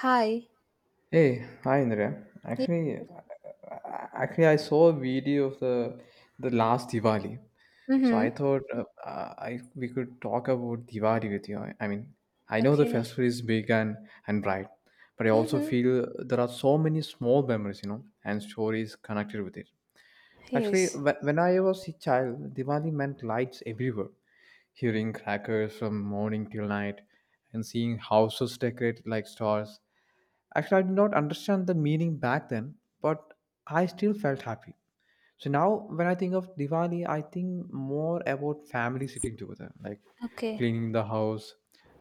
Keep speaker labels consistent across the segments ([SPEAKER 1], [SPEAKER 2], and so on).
[SPEAKER 1] Hi.
[SPEAKER 2] Hey, hi Indra. Actually, I- Actually, I saw a video of the last Diwali, so I
[SPEAKER 1] Mm-hmm.
[SPEAKER 2] thought I we could talk about Diwali with you. I mean, I know the
[SPEAKER 1] Okay.
[SPEAKER 2] festival is big and bright, but I also
[SPEAKER 1] Mm-hmm.
[SPEAKER 2] feel there are so many small memories, and stories connected with it. So, actually,
[SPEAKER 1] Yes.
[SPEAKER 2] when I was a child, Diwali meant lights everywhere, hearing crackers from morning till night, and seeing houses decorated like stars. Actually, I did not understand the meaning back then, but I still felt happy. So now, when I think of Diwali, I think more about family sitting together, like
[SPEAKER 1] Okay.
[SPEAKER 2] cleaning the house,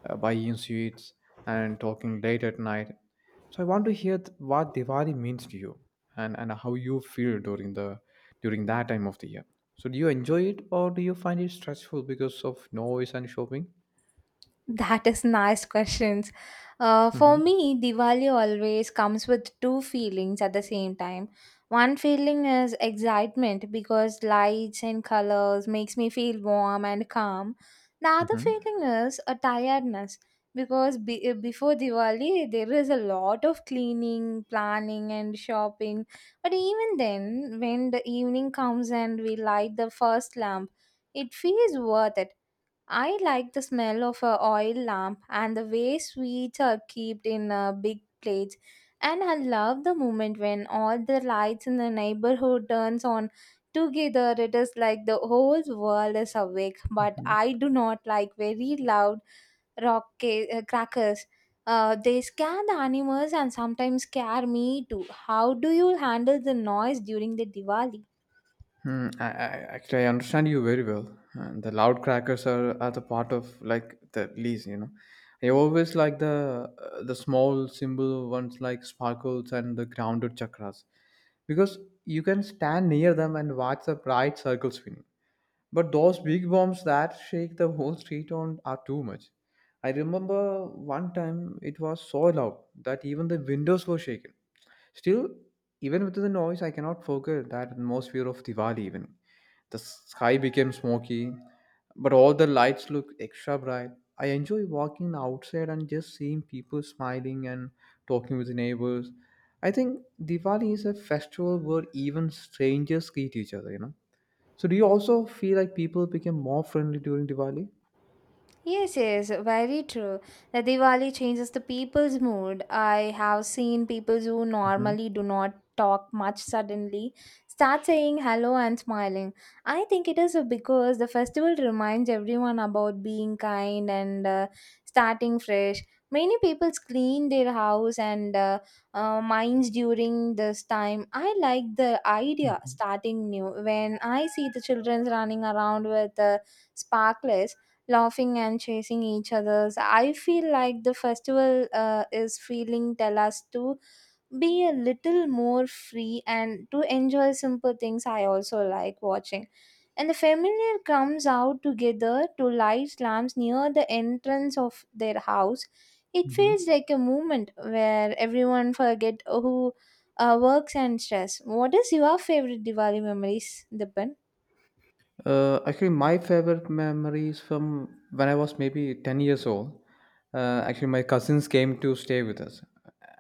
[SPEAKER 2] buying sweets, and talking late at night. So I want to hear what Diwali means to you and how you feel during the during that time of the year. So do you enjoy it or do you find it stressful because of noise and shopping?
[SPEAKER 1] That is nice questions. For
[SPEAKER 2] Mm-hmm.
[SPEAKER 1] me, Diwali always comes with two feelings at the same time. One feeling is excitement because lights and colors makes me feel warm and calm. The other
[SPEAKER 2] Mm-hmm.
[SPEAKER 1] feeling is a tiredness because before Diwali there is a lot of cleaning, planning, and shopping. But even then, when the evening comes and we light the first lamp, it feels worth it. I like the smell of a oil lamp and the way sweets are kept in a big plates. And I love the moment when all the lights in the neighborhood turns on together. It is like the whole world is awake. But I do not like very loud crackers. They scare the animals and sometimes scare me too. How do you handle the noise during the Diwali?
[SPEAKER 2] Hmm, I actually I understand you very well. And the loud crackers are the part of like the least, you know. I always like the small simple ones like sparkles and the grounded chakras because you can stand near them and watch the bright circle spinning. But those big bombs that shake the whole street on are too much. I remember one time it was so loud that even the windows were shaken. Still, even with the noise, I cannot forget that atmosphere of Diwali evening. The sky became smoky, but all the lights look extra bright. I enjoy walking outside and just seeing people smiling and talking with the neighbors. I think Diwali is a festival where even strangers greet each other, you know. So do you also feel like people became more friendly during Diwali?
[SPEAKER 1] Yes, yes, very true. The Diwali changes the people's mood. I have seen people who
[SPEAKER 2] Mm-hmm.
[SPEAKER 1] normally do not talk much suddenly start saying hello and smiling. I think it is because the festival reminds everyone about being kind and starting fresh. Many people clean their house and minds during this time. I like the idea starting new. When I see the children running around with sparklers, laughing and chasing each others. I feel like the festival is feeling tell us to be a little more free and to enjoy simple things. I also like watching and the familiar comes out together to light lamps near the entrance of their house. It
[SPEAKER 2] Mm-hmm.
[SPEAKER 1] feels like a moment where everyone forget who works and stress. What is your favorite diwali memories, Dipan?
[SPEAKER 2] Actually, my favorite memories from when I was maybe 10 years old. Actually, my cousins came to stay with us,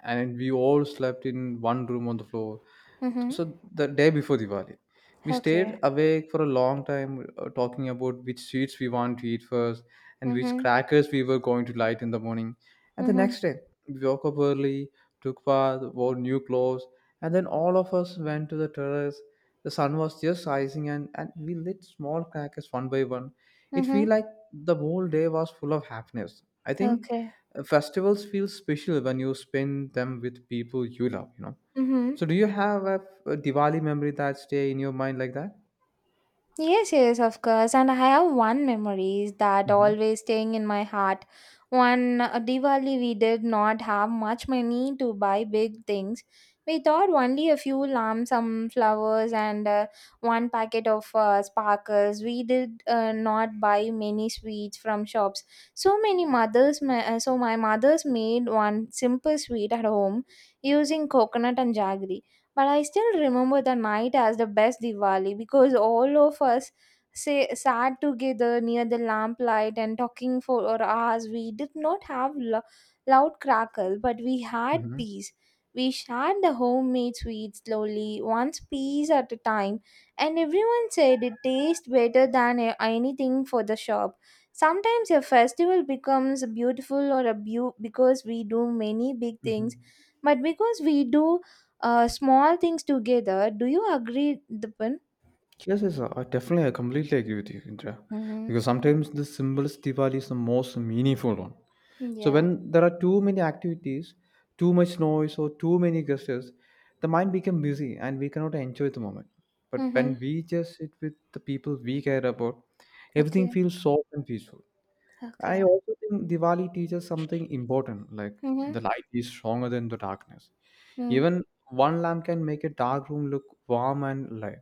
[SPEAKER 2] and we all slept in one room on the floor.
[SPEAKER 1] Mm-hmm.
[SPEAKER 2] So, the day before Diwali, we stayed
[SPEAKER 1] Okay.
[SPEAKER 2] awake for a long time talking about which sweets we want to eat first and which
[SPEAKER 1] Mm-hmm.
[SPEAKER 2] crackers we were going to light in the morning. And the
[SPEAKER 1] Mm-hmm.
[SPEAKER 2] next day, we woke up early, took bath, wore new clothes, and then all of us went to the terrace. The sun was just rising, and we lit small crackers one by one. It felt
[SPEAKER 1] Mm-hmm.
[SPEAKER 2] like the whole day was full of happiness. I think
[SPEAKER 1] Okay.
[SPEAKER 2] festivals feel special when you spend them with people you love, you know.
[SPEAKER 1] Mm-hmm.
[SPEAKER 2] So, do you have a Diwali memory that stay in your mind like that?
[SPEAKER 1] Yes, yes, of course. And I have one memories that
[SPEAKER 2] Mm-hmm.
[SPEAKER 1] always staying in my heart. One Diwali, we did not have much money to buy big things. We thought only a few lamps, some flowers, and one packet of sparkles. We did not buy many sweets from shops. So my mother's made one simple sweet at home using coconut and jaggery. But I still remember the night as the best Diwali because all of us sat together near the lamplight and talking for hours. We did not have loud crackle, but we had
[SPEAKER 2] Mm-hmm.
[SPEAKER 1] peace. We shared the homemade sweets slowly, one piece at a time, and everyone said it tastes better than anything for the shop. Sometimes a festival becomes beautiful because we do many big things,
[SPEAKER 2] Mm-hmm.
[SPEAKER 1] but because we do small things together. Do you agree, Dipan?
[SPEAKER 2] Yes, yes, I definitely. I completely agree with you, Indra.
[SPEAKER 1] Mm-hmm.
[SPEAKER 2] Because sometimes the simplest Diwali is the most meaningful one. So
[SPEAKER 1] Yeah.
[SPEAKER 2] when there are too many activities, too much noise, or too many gestures, the mind becomes busy and we cannot enjoy the moment. But
[SPEAKER 1] Mm-hmm.
[SPEAKER 2] when we just sit with the people we care about, everything
[SPEAKER 1] Okay.
[SPEAKER 2] feels soft and peaceful. I
[SPEAKER 1] Okay.
[SPEAKER 2] also think Diwali teaches something important, like
[SPEAKER 1] Mm-hmm.
[SPEAKER 2] the light is stronger than the darkness. Even one lamp can make a dark room look warm and light.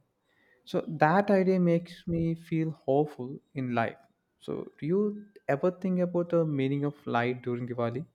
[SPEAKER 2] So that idea makes me feel hopeful in life. So do you ever think about the meaning of light during Diwali?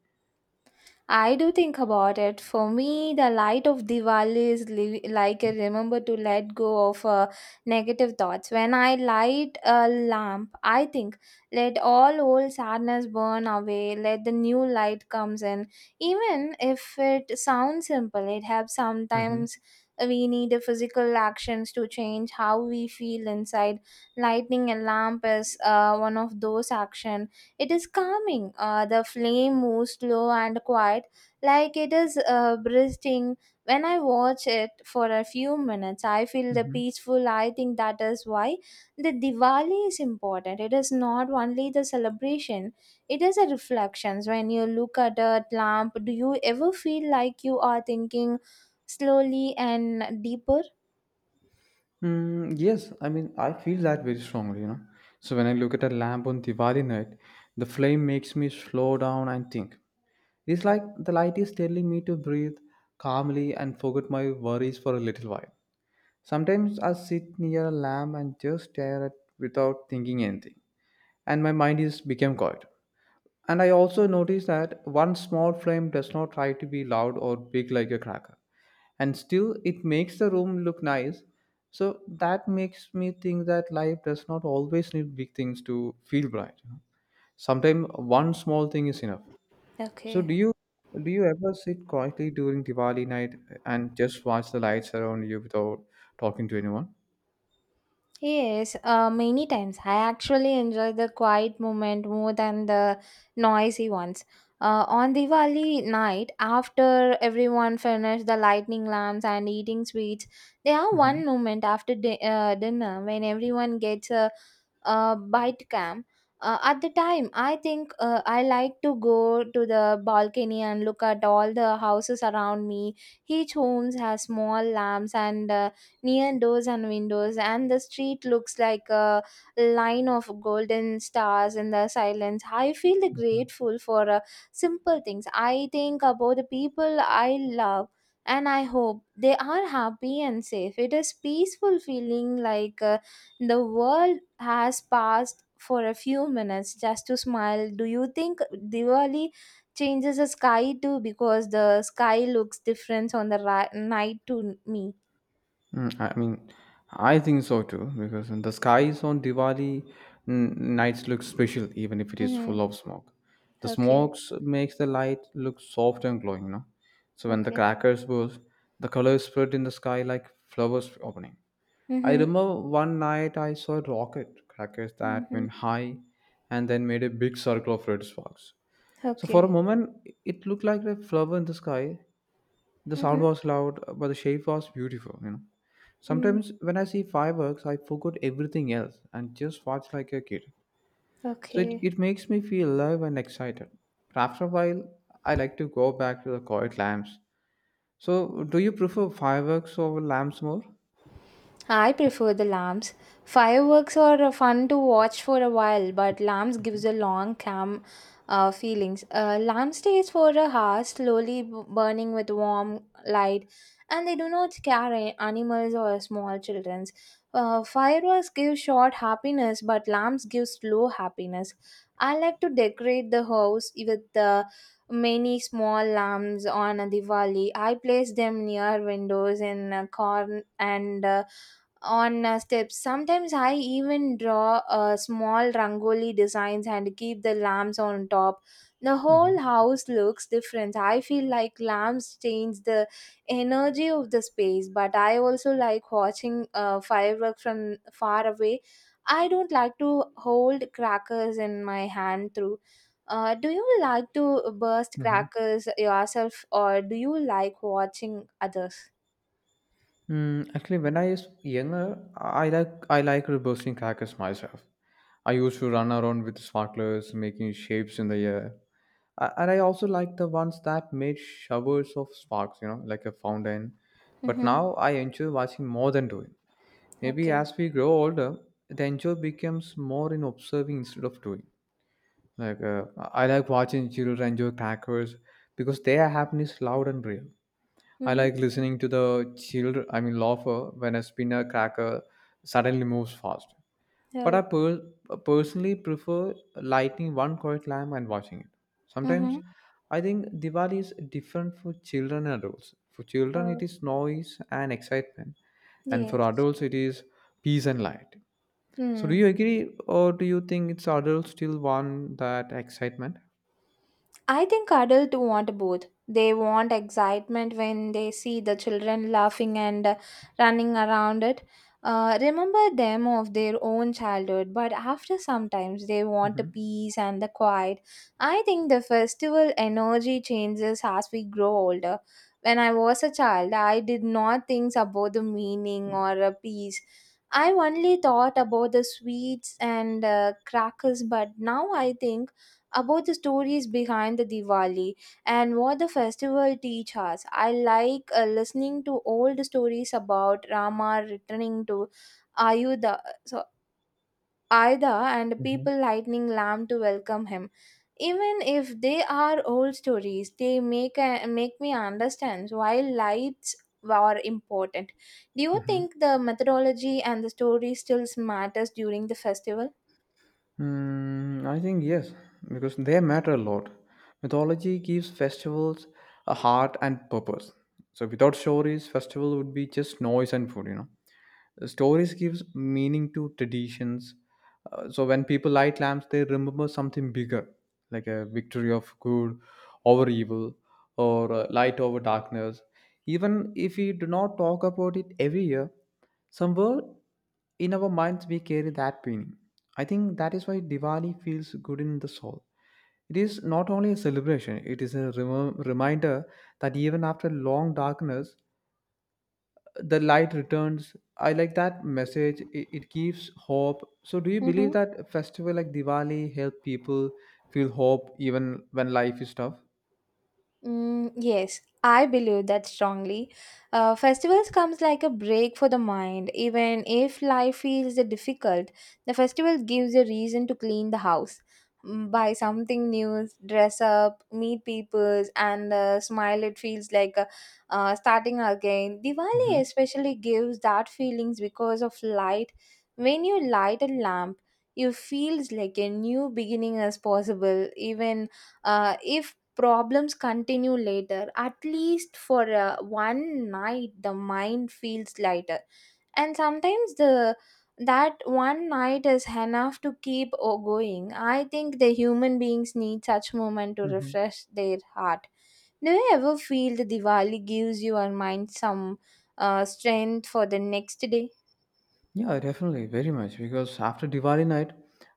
[SPEAKER 1] I do think about it. For me, the light of Diwali is like a remember to let go of negative thoughts. When I light a lamp, I think let all old sadness burn away. Let the new light comes in. Even if it sounds simple, it helps.
[SPEAKER 2] Mhm,
[SPEAKER 1] Sometimes we need a physical actions to change how we feel inside. Lighting a lamp is one of those actions. It is calming. The flame moves slow and quiet, like it is breathing. When I watch it for a few minutes, I feel the
[SPEAKER 2] mhm.
[SPEAKER 1] peaceful. I think that is why the Diwali is important. It is not only the celebration; it is a reflections. When you look at a lamp, do you ever feel like you are thinking slowly and deeper?
[SPEAKER 2] Mm, yes, I feel that very strongly, you know. So when I look at a lamp on Diwali night, the flame makes me slow down and think. It's like the light is telling me to breathe calmly and forget my worries for a little while. Sometimes I sit near a lamp and just stare at without thinking anything, and my mind is become quiet. And I also notice that one small flame does not try to be loud or big like a cracker, and still it makes the room look nice. So that makes me think that life does not always need big things to feel bright. Sometimes one small thing is enough. So
[SPEAKER 1] Okay.
[SPEAKER 2] do you ever sit quietly during Diwali night and just watch the lights around you without talking to anyone?
[SPEAKER 1] Yes, many times. I actually enjoy the quiet moment more than the noisy ones. On Diwali night, after everyone finished the lightning lamps and eating sweets, there are
[SPEAKER 2] Hmm.
[SPEAKER 1] one moment after dinner when everyone gets a bite cam. At the time, I think I like to go to the balcony and look at all the houses around me. Each homes has small lamps and near doors and windows, and the street looks like a line of golden stars in the silence. I feel grateful for simple things. I think about the people I love, and I hope they are happy and safe. It is peaceful feeling like the world has passed for a few minutes just to smile. Do you think diwali changes the sky too, because the sky looks different on the night to me?
[SPEAKER 2] Mm, I think so too, because in the skies on Diwali, nights look special even if it is
[SPEAKER 1] Mm-hmm.
[SPEAKER 2] full of smoke. The
[SPEAKER 1] Okay,
[SPEAKER 2] smokes makes the light look soft and glowing, you know. So when the
[SPEAKER 1] okay.
[SPEAKER 2] crackers burst, the colors spread in the sky like flowers opening. I
[SPEAKER 1] Mhm,
[SPEAKER 2] remember one night I saw rocket crackers that
[SPEAKER 1] mhm.
[SPEAKER 2] went high and then made a big circle of red sparks. So for a
[SPEAKER 1] Okay.
[SPEAKER 2] moment, it looked like a flower in the sky. The sound
[SPEAKER 1] Mhm,
[SPEAKER 2] was loud, but the shape was beautiful, you know.
[SPEAKER 1] mm,
[SPEAKER 2] Sometimes when I see fireworks, I forget everything else and just watch like a kid. So it,
[SPEAKER 1] okay.
[SPEAKER 2] it makes me feel alive and excited. After a while, I like to go back to the quiet lamps. So, do you prefer fireworks over lamps more?
[SPEAKER 1] I prefer the lamps. Fireworks are fun to watch for a while, but lamps gives a long calm feelings. Lamps stays for a hour, slowly burning with warm light, and they do not scare animals or small childrens. Fireworks give short happiness, but lamps give slow happiness. I like to decorate the house with many small lamps on a Diwali. I place them near windows in a corn and on steps. Sometimes I even draw small rangoli designs and keep the lamps on top. The
[SPEAKER 2] Hmm.
[SPEAKER 1] whole house looks different. I feel like lamps change the energy of the space, but I also like watching fireworks from far away. I don't like to hold crackers in my hand through. Do you like to burst
[SPEAKER 2] Hmm.
[SPEAKER 1] crackers yourself, or do you like watching others?
[SPEAKER 2] Mm, actually, when I was younger, I like bursting crackers myself. I used to run around with sparklers, making shapes in the air, and I also like the ones that made showers of sparks, you know, like a fountain. But
[SPEAKER 1] Mm-hmm.
[SPEAKER 2] now I enjoy watching more than doing. Maybe
[SPEAKER 1] Okay.
[SPEAKER 2] as we grow older, the enjoy becomes more in observing instead of doing. Like, I like watching children enjoy crackers because their happiness loud and real. I like
[SPEAKER 1] Mm-hmm.
[SPEAKER 2] listening to the children, I mean laughter when a spinner cracker suddenly moves fast. but I
[SPEAKER 1] So.
[SPEAKER 2] per- personally prefer lighting one correct lamp and watching it.
[SPEAKER 1] Mm-hmm.
[SPEAKER 2] Sometimes I think Diwali is different for children and adults. For children, it
[SPEAKER 1] Oh,
[SPEAKER 2] is noise and excitement, and for
[SPEAKER 1] yes.
[SPEAKER 2] adults, it is peace and light. So, do you
[SPEAKER 1] Hmm.
[SPEAKER 2] agree, or do you think it's adults still want that excitement?
[SPEAKER 1] I think adults want both. They want excitement when they see the children laughing and running around it. Remember them of their own childhood, but after sometimes they want the
[SPEAKER 2] Hmm.
[SPEAKER 1] peace and the quiet. I think the festival energy changes as we grow older. When I was a child, I did not think about the meaning or peace. I only thought about the sweets and crackers, but now I think about the stories behind the Diwali and what the festival teach us. I like listening to old stories about Rama returning to Ayudha, so Ayodhya, and
[SPEAKER 2] Hmm.
[SPEAKER 1] people lighting lamp to welcome him. Even if they are old stories, they make me understand why lights were important. Do you
[SPEAKER 2] Hmm.
[SPEAKER 1] think the methodology and the story still matters during the festival?
[SPEAKER 2] Hmm, I think yes, because they matter a lot. Mythology gives festivals a heart and purpose. So without stories, festival would be just noise and food, you know. Stories gives meaning to traditions. So when people light lamps, they remember something bigger, like a victory of good over evil or light over darkness. Even if we do not talk about it every year, somewhere in our minds, we carry that meaning. I think that is why Diwali feels good in the soul. It is not only a celebration, it is a reminder that even after long darkness, the light returns. I like that message. It gives hope. So, do you believe that a festival like Diwali help people feel hope even when life is tough?
[SPEAKER 1] Mm, yes, I believe that strongly. Festivals comes like a break for the mind. Even if life feels difficult, the festival gives a reason to clean the house, buy something new, dress up, meet people, and smile. It feels like starting again. Diwali especially gives that feelings because of light. When you light a lamp, you feels like a new beginning as possible. Even if problems continue later, at least for one night the mind feels lighter, and sometimes the that one night is enough to keep going. I think the human beings need such moment to
[SPEAKER 2] Mm-hmm.
[SPEAKER 1] refresh their heart. Do you ever feel the diwali gives your mind some strength for the next day?
[SPEAKER 2] Yeah, definitely, very much. Because after Diwali night,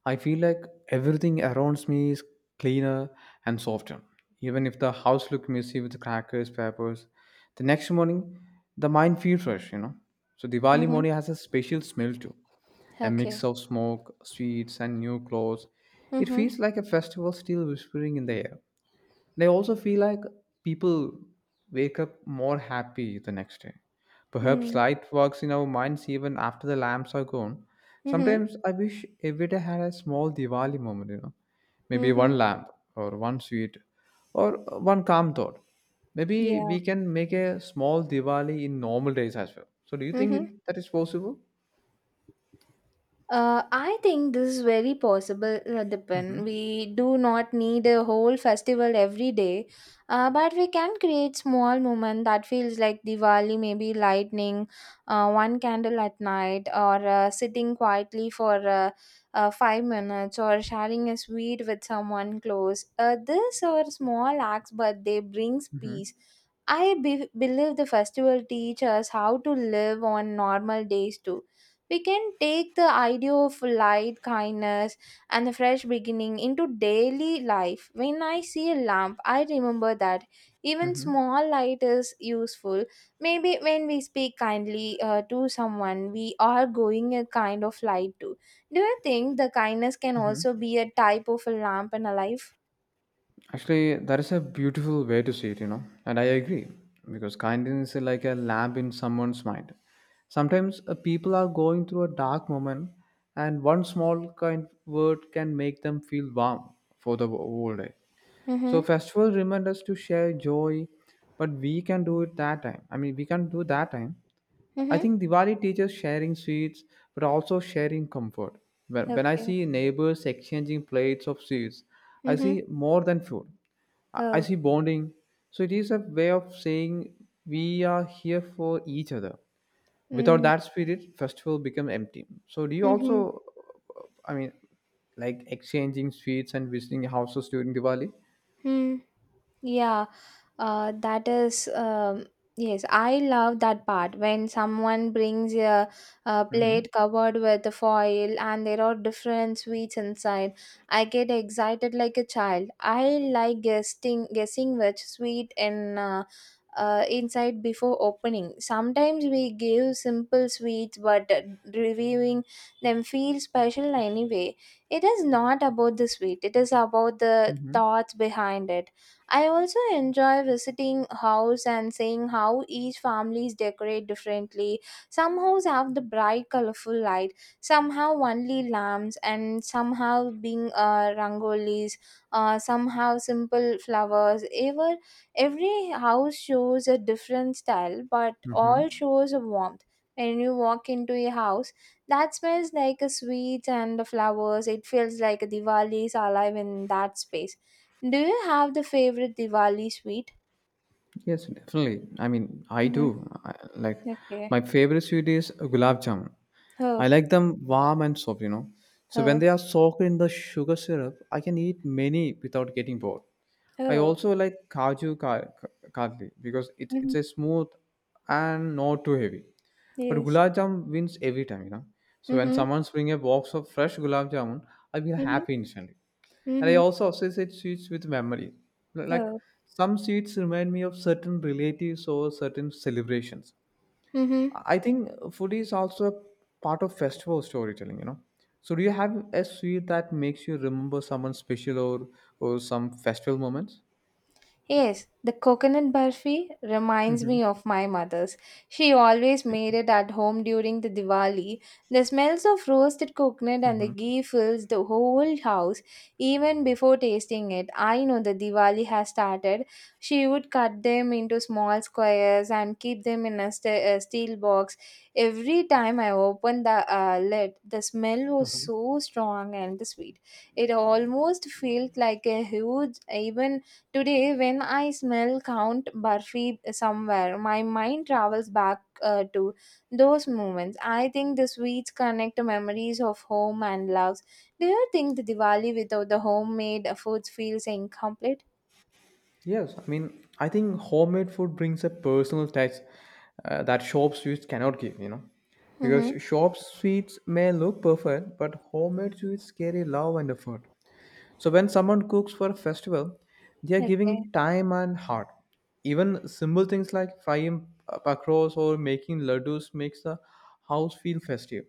[SPEAKER 2] I feel like everything around me is cleaner and softer. Even if the house looked messy with crackers, papers, the next morning the mind feels fresh, you know. So Diwali
[SPEAKER 1] Mm-hmm.
[SPEAKER 2] morning has a special smell too. A
[SPEAKER 1] Okay.
[SPEAKER 2] mix of smoke, sweets, and new clothes. It
[SPEAKER 1] Mm-hmm.
[SPEAKER 2] feels like a festival still whispering in the air. And I also feel like people wake up more happy the next day. Perhaps
[SPEAKER 1] Hmm.
[SPEAKER 2] light works in our minds even after the lamps are gone.
[SPEAKER 1] Mm-hmm.
[SPEAKER 2] Sometimes I wish every day had a small Diwali moment, you know. Maybe
[SPEAKER 1] Mm-hmm.
[SPEAKER 2] one lamp or one sweet or one calm thought. Maybe
[SPEAKER 1] Yeah.
[SPEAKER 2] we can make a small Diwali in normal days as well. So do you think
[SPEAKER 1] Mm-hmm.
[SPEAKER 2] that is possible?
[SPEAKER 1] I think this is very possible, Dipen. We do not need a whole festival every day, but we can create small moment that feels like Diwali, maybe lightning, one candle at night, or sitting quietly for 5 minutes, or sharing a sweet with someone close. This are small acts, but they brings
[SPEAKER 2] Mm-hmm.
[SPEAKER 1] peace. I believe the festival teach us how to live on normal days too. We can take the idea of light, kindness, and a fresh beginning into daily life. When I see a lamp, I remember that even
[SPEAKER 2] Mm-hmm.
[SPEAKER 1] small light is useful. Maybe when we speak kindly to someone, we are going a kind of light too. Do you think the kindness can also be a type of a lamp in a life?
[SPEAKER 2] Actually, that is a beautiful way to see it, you know, and I agree because kindness is like a lamp in someone's mind. Sometimes people are going through a dark moment, and one small kind word can make them feel warm for the whole day. So,
[SPEAKER 1] Mm-hmm.
[SPEAKER 2] festivals remind us to share joy, but we can do it that time. I mean, we can do that time. I
[SPEAKER 1] Mm-hmm.
[SPEAKER 2] think Diwali teaches sharing sweets, but also sharing comfort. When I
[SPEAKER 1] Okay.
[SPEAKER 2] see neighbors exchanging plates of sweets, I
[SPEAKER 1] Mm-hmm.
[SPEAKER 2] see more than food. I
[SPEAKER 1] Oh.
[SPEAKER 2] see bonding. So it is a way of saying we are here for each other. Without
[SPEAKER 1] Mm-hmm.
[SPEAKER 2] that spirit, festival become empty. So do you
[SPEAKER 1] Mm-hmm.
[SPEAKER 2] also, I mean, like exchanging sweets and visiting houses during Diwali?
[SPEAKER 1] Yeah. That is, yes, I love that part when someone brings a
[SPEAKER 2] Mm-hmm.
[SPEAKER 1] plate covered with the foil, and there are different sweets inside. I get excited like a child. I like guessing which sweet in inside before opening. Sometimes we give simple sweets, but reviewing them feels special anyway. It is not about the sweet; it is about the
[SPEAKER 2] Mm-hmm.
[SPEAKER 1] thoughts behind it. I also enjoy visiting house and seeing how each families decorate differently. Some houses have the bright colorful light, some have only lamps, and some have being rangolis, some have simple flowers. Every house shows a different style, but
[SPEAKER 2] Mm-hmm.
[SPEAKER 1] all shows a warmth. When you walk into a house that smells like a sweets and the flowers, it feels like a Diwali is alive in that space. Do you have the favorite Diwali sweet?
[SPEAKER 2] Yes, definitely. I mean, I do.
[SPEAKER 1] Mm-hmm.
[SPEAKER 2] I, like, my
[SPEAKER 1] Okay.
[SPEAKER 2] favorite sweet is gulab jamun. I
[SPEAKER 1] Oh,
[SPEAKER 2] like them warm and soft, you know. So when they
[SPEAKER 1] oh,
[SPEAKER 2] are soaked in the sugar syrup, I can eat many without getting bored. I
[SPEAKER 1] oh.
[SPEAKER 2] also like kaju kadli because it's
[SPEAKER 1] Mm-hmm.
[SPEAKER 2] a smooth and not too heavy. But
[SPEAKER 1] Yes.
[SPEAKER 2] gulab jamun wins every time, you know. So when
[SPEAKER 1] Mm-hmm.
[SPEAKER 2] someone brings a box of fresh gulab jamun, I feel
[SPEAKER 1] Mm-hmm.
[SPEAKER 2] happy instantly. And I
[SPEAKER 1] Mm-hmm.
[SPEAKER 2] also associate sweets with memory. Like
[SPEAKER 1] Oh.
[SPEAKER 2] some sweets remind me of certain relatives or certain celebrations.
[SPEAKER 1] Mm-hmm.
[SPEAKER 2] I think food is also a part of festival storytelling, you know. So do you have a sweet that makes you remember someone special or some festival moments?
[SPEAKER 1] Yes, the coconut barfi reminds
[SPEAKER 2] Hmm.
[SPEAKER 1] me of my mother's. She always made it at home during the Diwali. The smells of roasted coconut and the
[SPEAKER 2] Hmm.
[SPEAKER 1] ghee fills the whole house. Even before tasting it, I know the Diwali has started. She would cut them into small squares and keep them in a steel box. Every time I opened the lid, the smell was so strong and sweet. It almost felt like a huge, even. Today, when I smell Count Barfi somewhere, my mind travels back to those moments. I think the sweets connect memories of home and loves. Do you think the Diwali without the homemade foods feels incomplete?
[SPEAKER 2] Yes, I mean, I think homemade food brings a personal touch that shop sweets cannot give, you know. Because
[SPEAKER 1] Mm-hmm.
[SPEAKER 2] shop sweets may look perfect, but homemade sweets carry love and effort. So when someone cooks for a festival, they are
[SPEAKER 1] Okay.
[SPEAKER 2] giving time and heart. Even simple things like frying pakros or making laddus makes the house feel festive.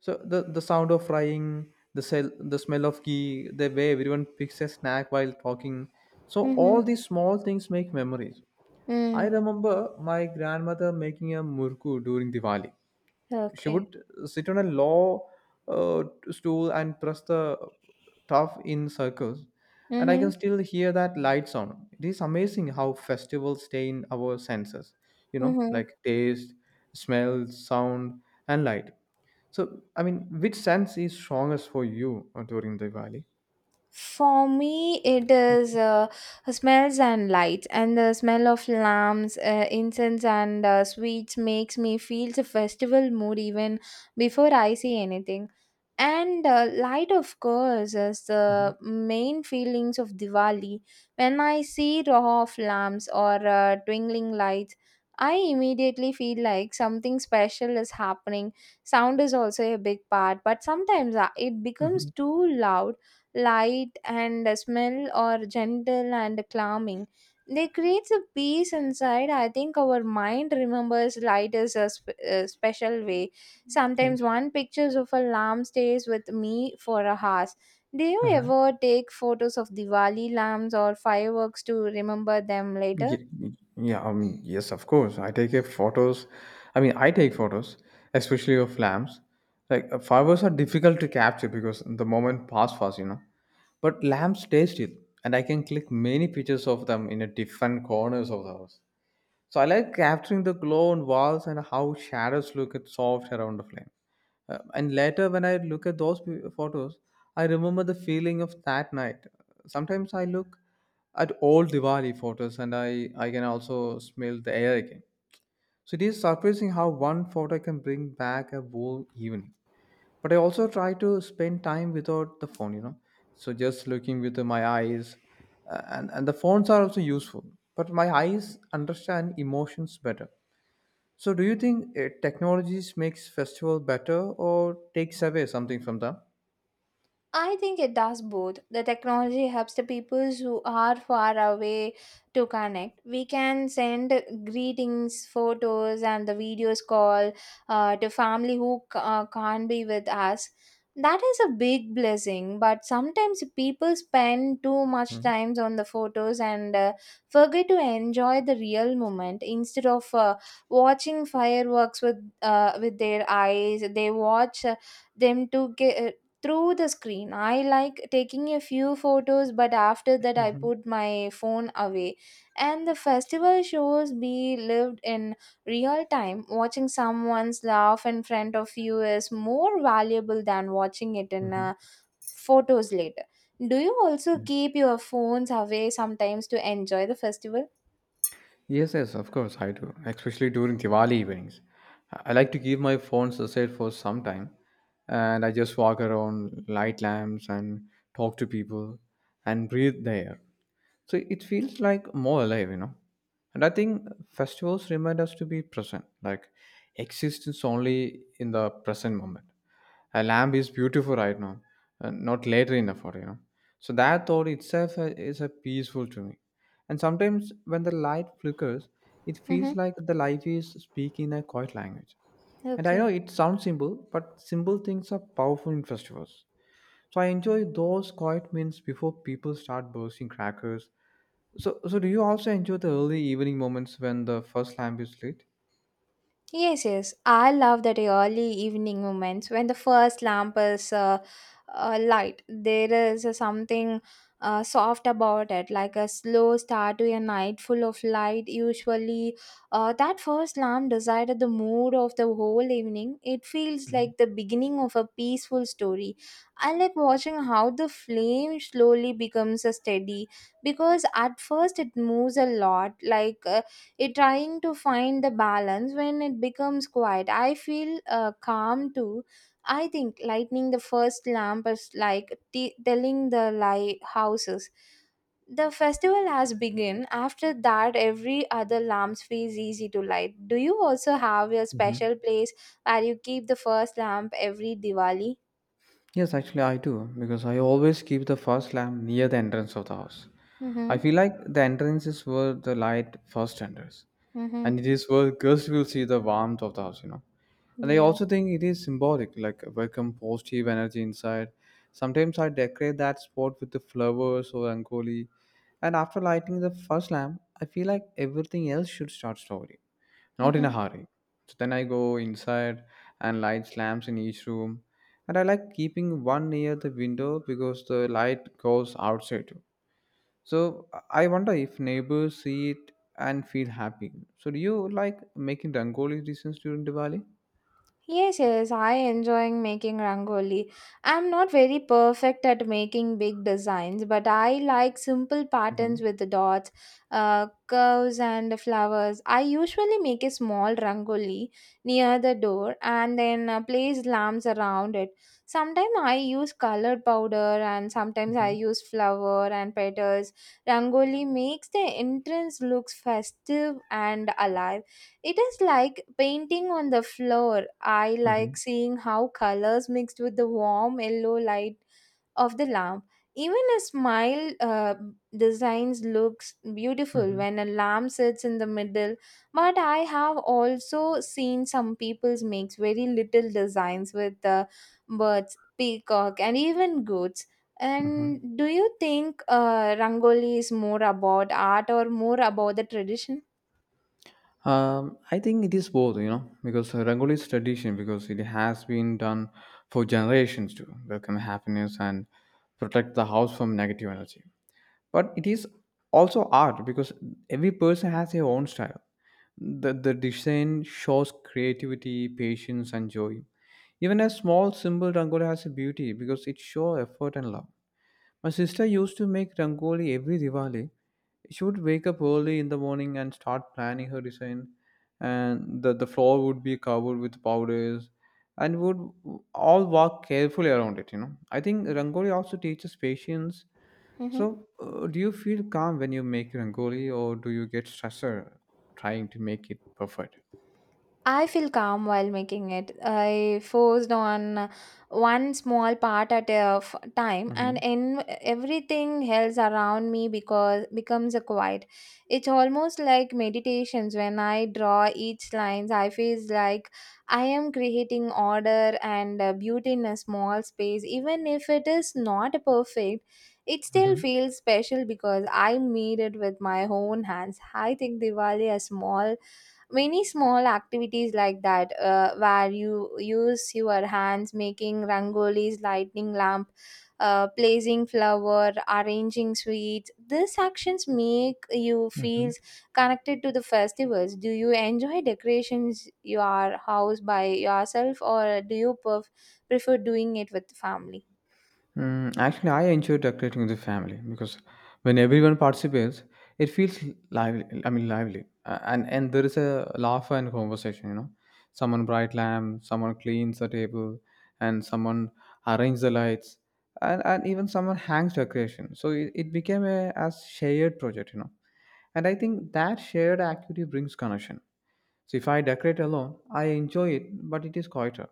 [SPEAKER 2] So the sound of frying, the sell, the smell of ghee, the way everyone picks a snack while talking. So
[SPEAKER 1] Mm-hmm.
[SPEAKER 2] all these small things make memories. I
[SPEAKER 1] Mm.
[SPEAKER 2] remember my grandmother making a murku during Diwali. She
[SPEAKER 1] Okay.
[SPEAKER 2] would sit on a low uh, stool and press the tough in circles. And I
[SPEAKER 1] Mm-hmm.
[SPEAKER 2] can still hear that light sound. It is amazing how festivals stay in our senses, you know, like
[SPEAKER 1] Mm-hmm.
[SPEAKER 2] taste, smell, sound, and light. So, I mean, which sense is strongest for you during Diwali?
[SPEAKER 1] For me, it is
[SPEAKER 2] Mhm.
[SPEAKER 1] smells and lights, and the smell of lamps, incense, and sweets makes me feel the festival mood even before I see anything. And light, of course, is
[SPEAKER 2] Mhm.
[SPEAKER 1] the main feelings of Diwali. When I see row of lamps or twinkling lights, I immediately feel like something special is happening. Sound is also a big part, but sometimes it becomes
[SPEAKER 2] Mhm.
[SPEAKER 1] too loud. Light and smell are gentle and calming. They creates a peace inside. I think our mind remembers light as a special way. Sometimes
[SPEAKER 2] Yes.
[SPEAKER 1] one pictures of a lamb stays with me for a hours. Do you
[SPEAKER 2] Uh-huh.
[SPEAKER 1] ever take photos of Diwali lamps or fireworks to remember them later?
[SPEAKER 2] Yes, of course, I take a photos. I mean, I take photos, especially of lamps. Like flowers are difficult to capture because the moment pass fast, you know. But lamps stay still, and I can click many pictures of them in a different corners of the house. So I like capturing the glow on walls and how shadows look at soft around the flame. And later, when I look at those photos, I remember the feeling of that night. Sometimes I look at old Diwali photos and I can also smell the air again. So it is surprising how one photo can bring back a whole evening, but I also try to spend time without the phone, so just looking with my eyes, and the phones are also useful, but my eyes understand emotions better. So do you think technologies makes festival better or takes away something from them?
[SPEAKER 1] I think it does both. The technology helps the people who are far away to connect. We can send greetings, photos, and the videos call to family who can't be with us. That is a big blessing, but sometimes people spend too much
[SPEAKER 2] Mhm.
[SPEAKER 1] time on the photos and forget to enjoy the real moment. Instead of watching fireworks with with their eyes, they watch them to get through the screen. I like taking a few photos, but after that, I
[SPEAKER 2] Mhm.
[SPEAKER 1] put my phone away. And the festival shows be lived in real time. Watching someone's laugh in front of you is more valuable than watching it in
[SPEAKER 2] Mhm.
[SPEAKER 1] photos later. Do you also
[SPEAKER 2] Yes,
[SPEAKER 1] keep your phones away sometimes to enjoy the festival?
[SPEAKER 2] yes, of course, I do, especially during Diwali evenings. I like to keep my phones aside for some time, and I just walk around light lamps and talk to people and breathe the air. So it feels like more alive, you know. And I think festivals remind us to be present, like existence only in the present moment. A lamp is beautiful right now, and not later in the photo, you know. So that thought itself is a peaceful to me. And sometimes when the light flickers, it
[SPEAKER 1] Mm-hmm.
[SPEAKER 2] feels like the life is speaking a quiet language. And I know
[SPEAKER 1] Okay.
[SPEAKER 2] it sounds simple, but simple things are powerful in festivals. So I enjoy those quiet meals before people start bursting crackers. So do you also enjoy the early evening moments when the first lamp is lit?
[SPEAKER 1] Yes, yes. I love that early evening moments when the first lamp is light. There is something soft about it, like a slow start to a night full of light. Usually, that first lamp decided the mood of the whole evening. It feels
[SPEAKER 2] Mhm.
[SPEAKER 1] like the beginning of a peaceful story. I like watching how the flame slowly becomes a steady because at first it moves a lot, like. It trying to find the balance. When it becomes quiet, I feel calm too. I think lighting the first lamp is like telling the lighthouses the festival has begun. After that, every other lamps feels easy to light. Do you also have your
[SPEAKER 2] Mhm.
[SPEAKER 1] special place where you keep the first lamp every Diwali?
[SPEAKER 2] Yes, actually, I do, because I always keep the first lamp near the entrance of the house. I
[SPEAKER 1] Mm-hmm.
[SPEAKER 2] feel like the entrance is where the light first enters,
[SPEAKER 1] Mm-hmm.
[SPEAKER 2] and it is where girls will see the warmth of the house, you know. And I
[SPEAKER 1] Yeah.
[SPEAKER 2] also think it is symbolic, like welcome positive energy inside. Sometimes I decorate that spot with the flowers or rangoli, and after lighting the first lamp, I feel like everything else should start slowly, not in a
[SPEAKER 1] Mm-hmm.
[SPEAKER 2] hurry. So then I go inside and light slams in each room. And I like keeping one near the window because the light goes outside too. So I wonder if neighbors see it and feel happy. So do you like making Rangoli designs during Diwali?
[SPEAKER 1] Yes, yes, I enjoying making rangoli. I'm not very perfect at making big designs, but I like simple patterns
[SPEAKER 2] Mm-hmm.
[SPEAKER 1] with the dots, curves, and the flowers. I usually make a small rangoli near the door and then place lamps around it. Sometimes I use colored powder, and sometimes I
[SPEAKER 2] Mm-hmm.
[SPEAKER 1] use flower and petals. Rangoli makes the entrance looks festive and alive. It is like painting on the floor. I
[SPEAKER 2] Mm-hmm.
[SPEAKER 1] like seeing how colors mixed with the warm yellow light of the lamp. Even a smile designs looks beautiful
[SPEAKER 2] Mm-hmm.
[SPEAKER 1] when a lamp sits in the middle. But I have also seen some people's makes very little designs with the birds, peacock, and even goats.
[SPEAKER 2] Mm-hmm.
[SPEAKER 1] And do you think rangoli is more about art or more about the tradition?
[SPEAKER 2] I think it is both, you know, because Rangoli is tradition because it has been done for generations to welcome happiness and protect the house from negative energy. But it is also art because every person has their own style. The design shows creativity, patience and joy. Even a small simple rangoli has a beauty because it shows effort and love. My sister used to make rangoli every Diwali. She would wake up early in the morning and start planning her design, and the floor would be covered with powders, and would all walk carefully around it, you know. I think rangoli also teaches patience.
[SPEAKER 1] Mhm.
[SPEAKER 2] So, do you feel calm when you make rangoli, or do you get stressed trying to make it perfect?
[SPEAKER 1] I feel calm while making it. I focused on one small part at a time, and
[SPEAKER 2] Mm-hmm.
[SPEAKER 1] in everything else around me because becomes a quiet. It's almost like meditations. When I draw each lines, I feel like I am creating order and beauty in a small space. Even if it is not perfect, it still
[SPEAKER 2] Mm-hmm.
[SPEAKER 1] feels special because I made it with my own hands. I think Diwali a small many small activities like that where you use your hands, making rangolis, lighting lamp, placing flower, arranging sweets, these actions make you
[SPEAKER 2] Mm-hmm.
[SPEAKER 1] feel connected to the festivals. Do you enjoy decorations your house by yourself, or do you prefer doing it with family?
[SPEAKER 2] Actually, I enjoy decorating with the family because when everyone participates, it feels lively. I mean, lively. And there is a laugh and conversation, you know. Someone bright lamp, someone cleans the table, and someone arranges the lights, and even someone hangs decoration. So it became a as shared project, you know, and I think that shared activity brings connection. So if I decorate alone, I enjoy it, but it is quieter.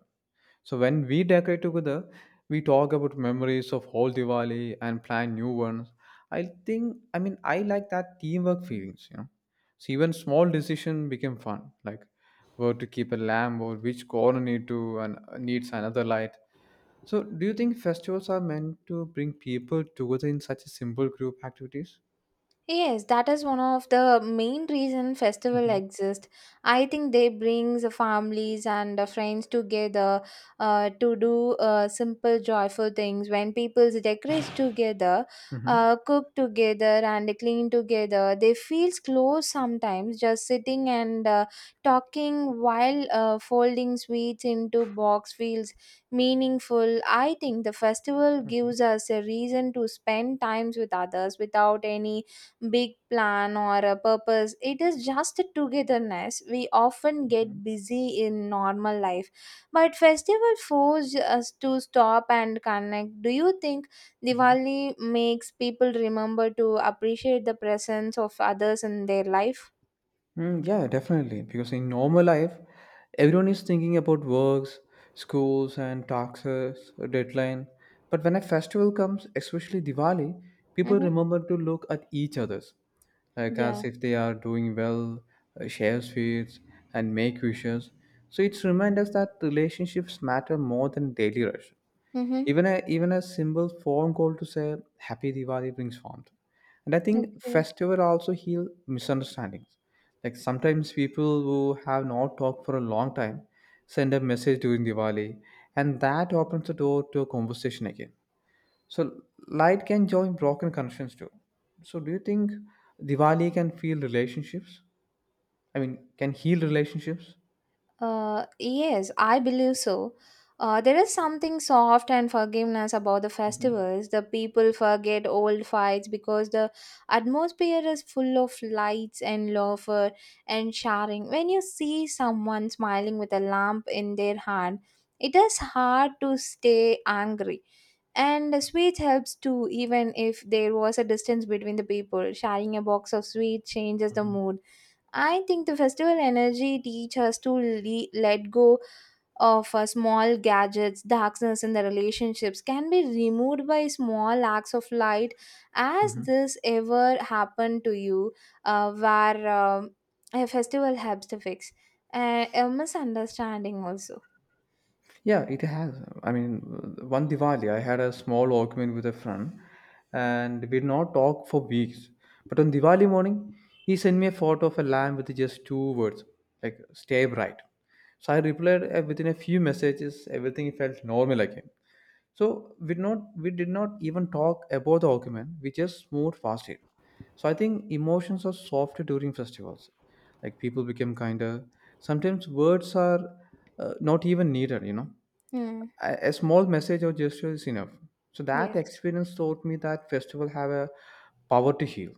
[SPEAKER 2] So when we decorate together, we talk about memories of whole Diwali and plan new ones. I mean I like that teamwork feelings, you know. So even small decision became fun, like where to keep a lamp or which corner need to and needs another light. So do you think festivals are meant to bring people together in such a simple group activities?
[SPEAKER 1] Yes, that is one of the main reason festival
[SPEAKER 2] Mm-hmm.
[SPEAKER 1] exist. I think they brings the families and the friends together to do simple joyful things. When people decorate together, cook together and clean together, they feels close. Sometimes just sitting and talking while folding sweets into box feels meaningful. I think the festival
[SPEAKER 2] Mm-hmm.
[SPEAKER 1] gives us a reason to spend times with others without any big plan or a purpose. It is just a togetherness. We often get busy in normal life, but festival force us to stop and connect. Do you think Diwali makes people remember to appreciate the presence of others in their life?
[SPEAKER 2] Yeah, definitely. Because in normal life, everyone is thinking about works, schools, and taxes, deadline. But when a festival comes, especially Diwali, people
[SPEAKER 1] Mm-hmm.
[SPEAKER 2] remember to look at each other's, like
[SPEAKER 1] Yeah.
[SPEAKER 2] as if they are doing well, share sweets, and make wishes. So it's remind us that relationships matter more than daily rush.
[SPEAKER 1] Mm-hmm.
[SPEAKER 2] Even a simple phone call to say happy Diwali brings warmth. And I think
[SPEAKER 1] Okay.
[SPEAKER 2] festival also heal misunderstandings, like sometimes people who have not talked for a long time send a message during Diwali, and that opens the door to a conversation again. So light can join broken connections too. So do you think diwali can feel relationships I mean can heal relationships?
[SPEAKER 1] Yes, I believe so. There is something soft and forgiveness about the festivals. The people forget old fights because the atmosphere is full of lights and laughter and shouting. When you see someone smiling with a lamp in their hand, it is hard to stay angry. And the sweet helps too, even if there was a distance between the people. Sharing a box of sweets changes the
[SPEAKER 2] Hmm.
[SPEAKER 1] mood. I think the festival energy teach us to let go of small gadgets, darkness in the relationships can be removed by small acts of light. As
[SPEAKER 2] Hmm.
[SPEAKER 1] this ever happened to you, where a festival helps to fix a misunderstanding also?
[SPEAKER 2] Yeah, it has. I mean, one Diwali, I had a small argument with a friend and we did not talk for weeks. But on Diwali morning, he sent me a photo of a lamb with just two words, like stay bright. So I replied within a few messages, everything felt normal again. So we did not even talk about the argument, we just moved past it. So I think emotions are softer during festivals. Like people become kinder. Sometimes words are not even needed, you know,
[SPEAKER 1] Hmm.
[SPEAKER 2] a, small message or gesture is enough. So that
[SPEAKER 1] Yes.
[SPEAKER 2] experience taught me that festival have a power to heal.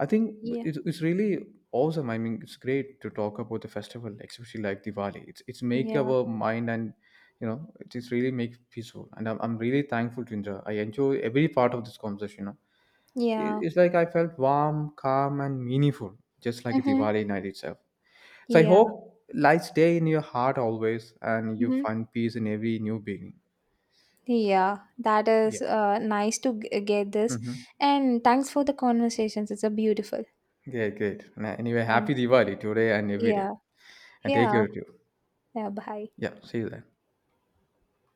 [SPEAKER 2] I think
[SPEAKER 1] Yeah.
[SPEAKER 2] it's really awesome. I mean, it's great to talk about the festival, especially like Diwali. It's make
[SPEAKER 1] Yeah.
[SPEAKER 2] our mind and, you know, it is really make peaceful, and I'm really thankful to Indra. I enjoy every part of this conversation, you know. It-
[SPEAKER 1] Yeah.
[SPEAKER 2] it's like I felt warm, calm and meaningful, just like
[SPEAKER 1] Mm-hmm.
[SPEAKER 2] Diwali night itself. So I
[SPEAKER 1] Yeah.
[SPEAKER 2] hope light stay in your heart always and you
[SPEAKER 1] Mm-hmm.
[SPEAKER 2] find peace in every new beginning.
[SPEAKER 1] Yeah, that
[SPEAKER 2] Yeah.
[SPEAKER 1] is nice to get this.
[SPEAKER 2] Mhm.
[SPEAKER 1] And thanks for the conversations. It's a beautiful.
[SPEAKER 2] Great, great. Na anyway,
[SPEAKER 1] Thank.
[SPEAKER 2] happy Diwali today and every day.
[SPEAKER 1] Yeah.
[SPEAKER 2] And take care
[SPEAKER 1] Yeah.
[SPEAKER 2] of you.
[SPEAKER 1] Yeah. Bye.
[SPEAKER 2] Yeah, see you then.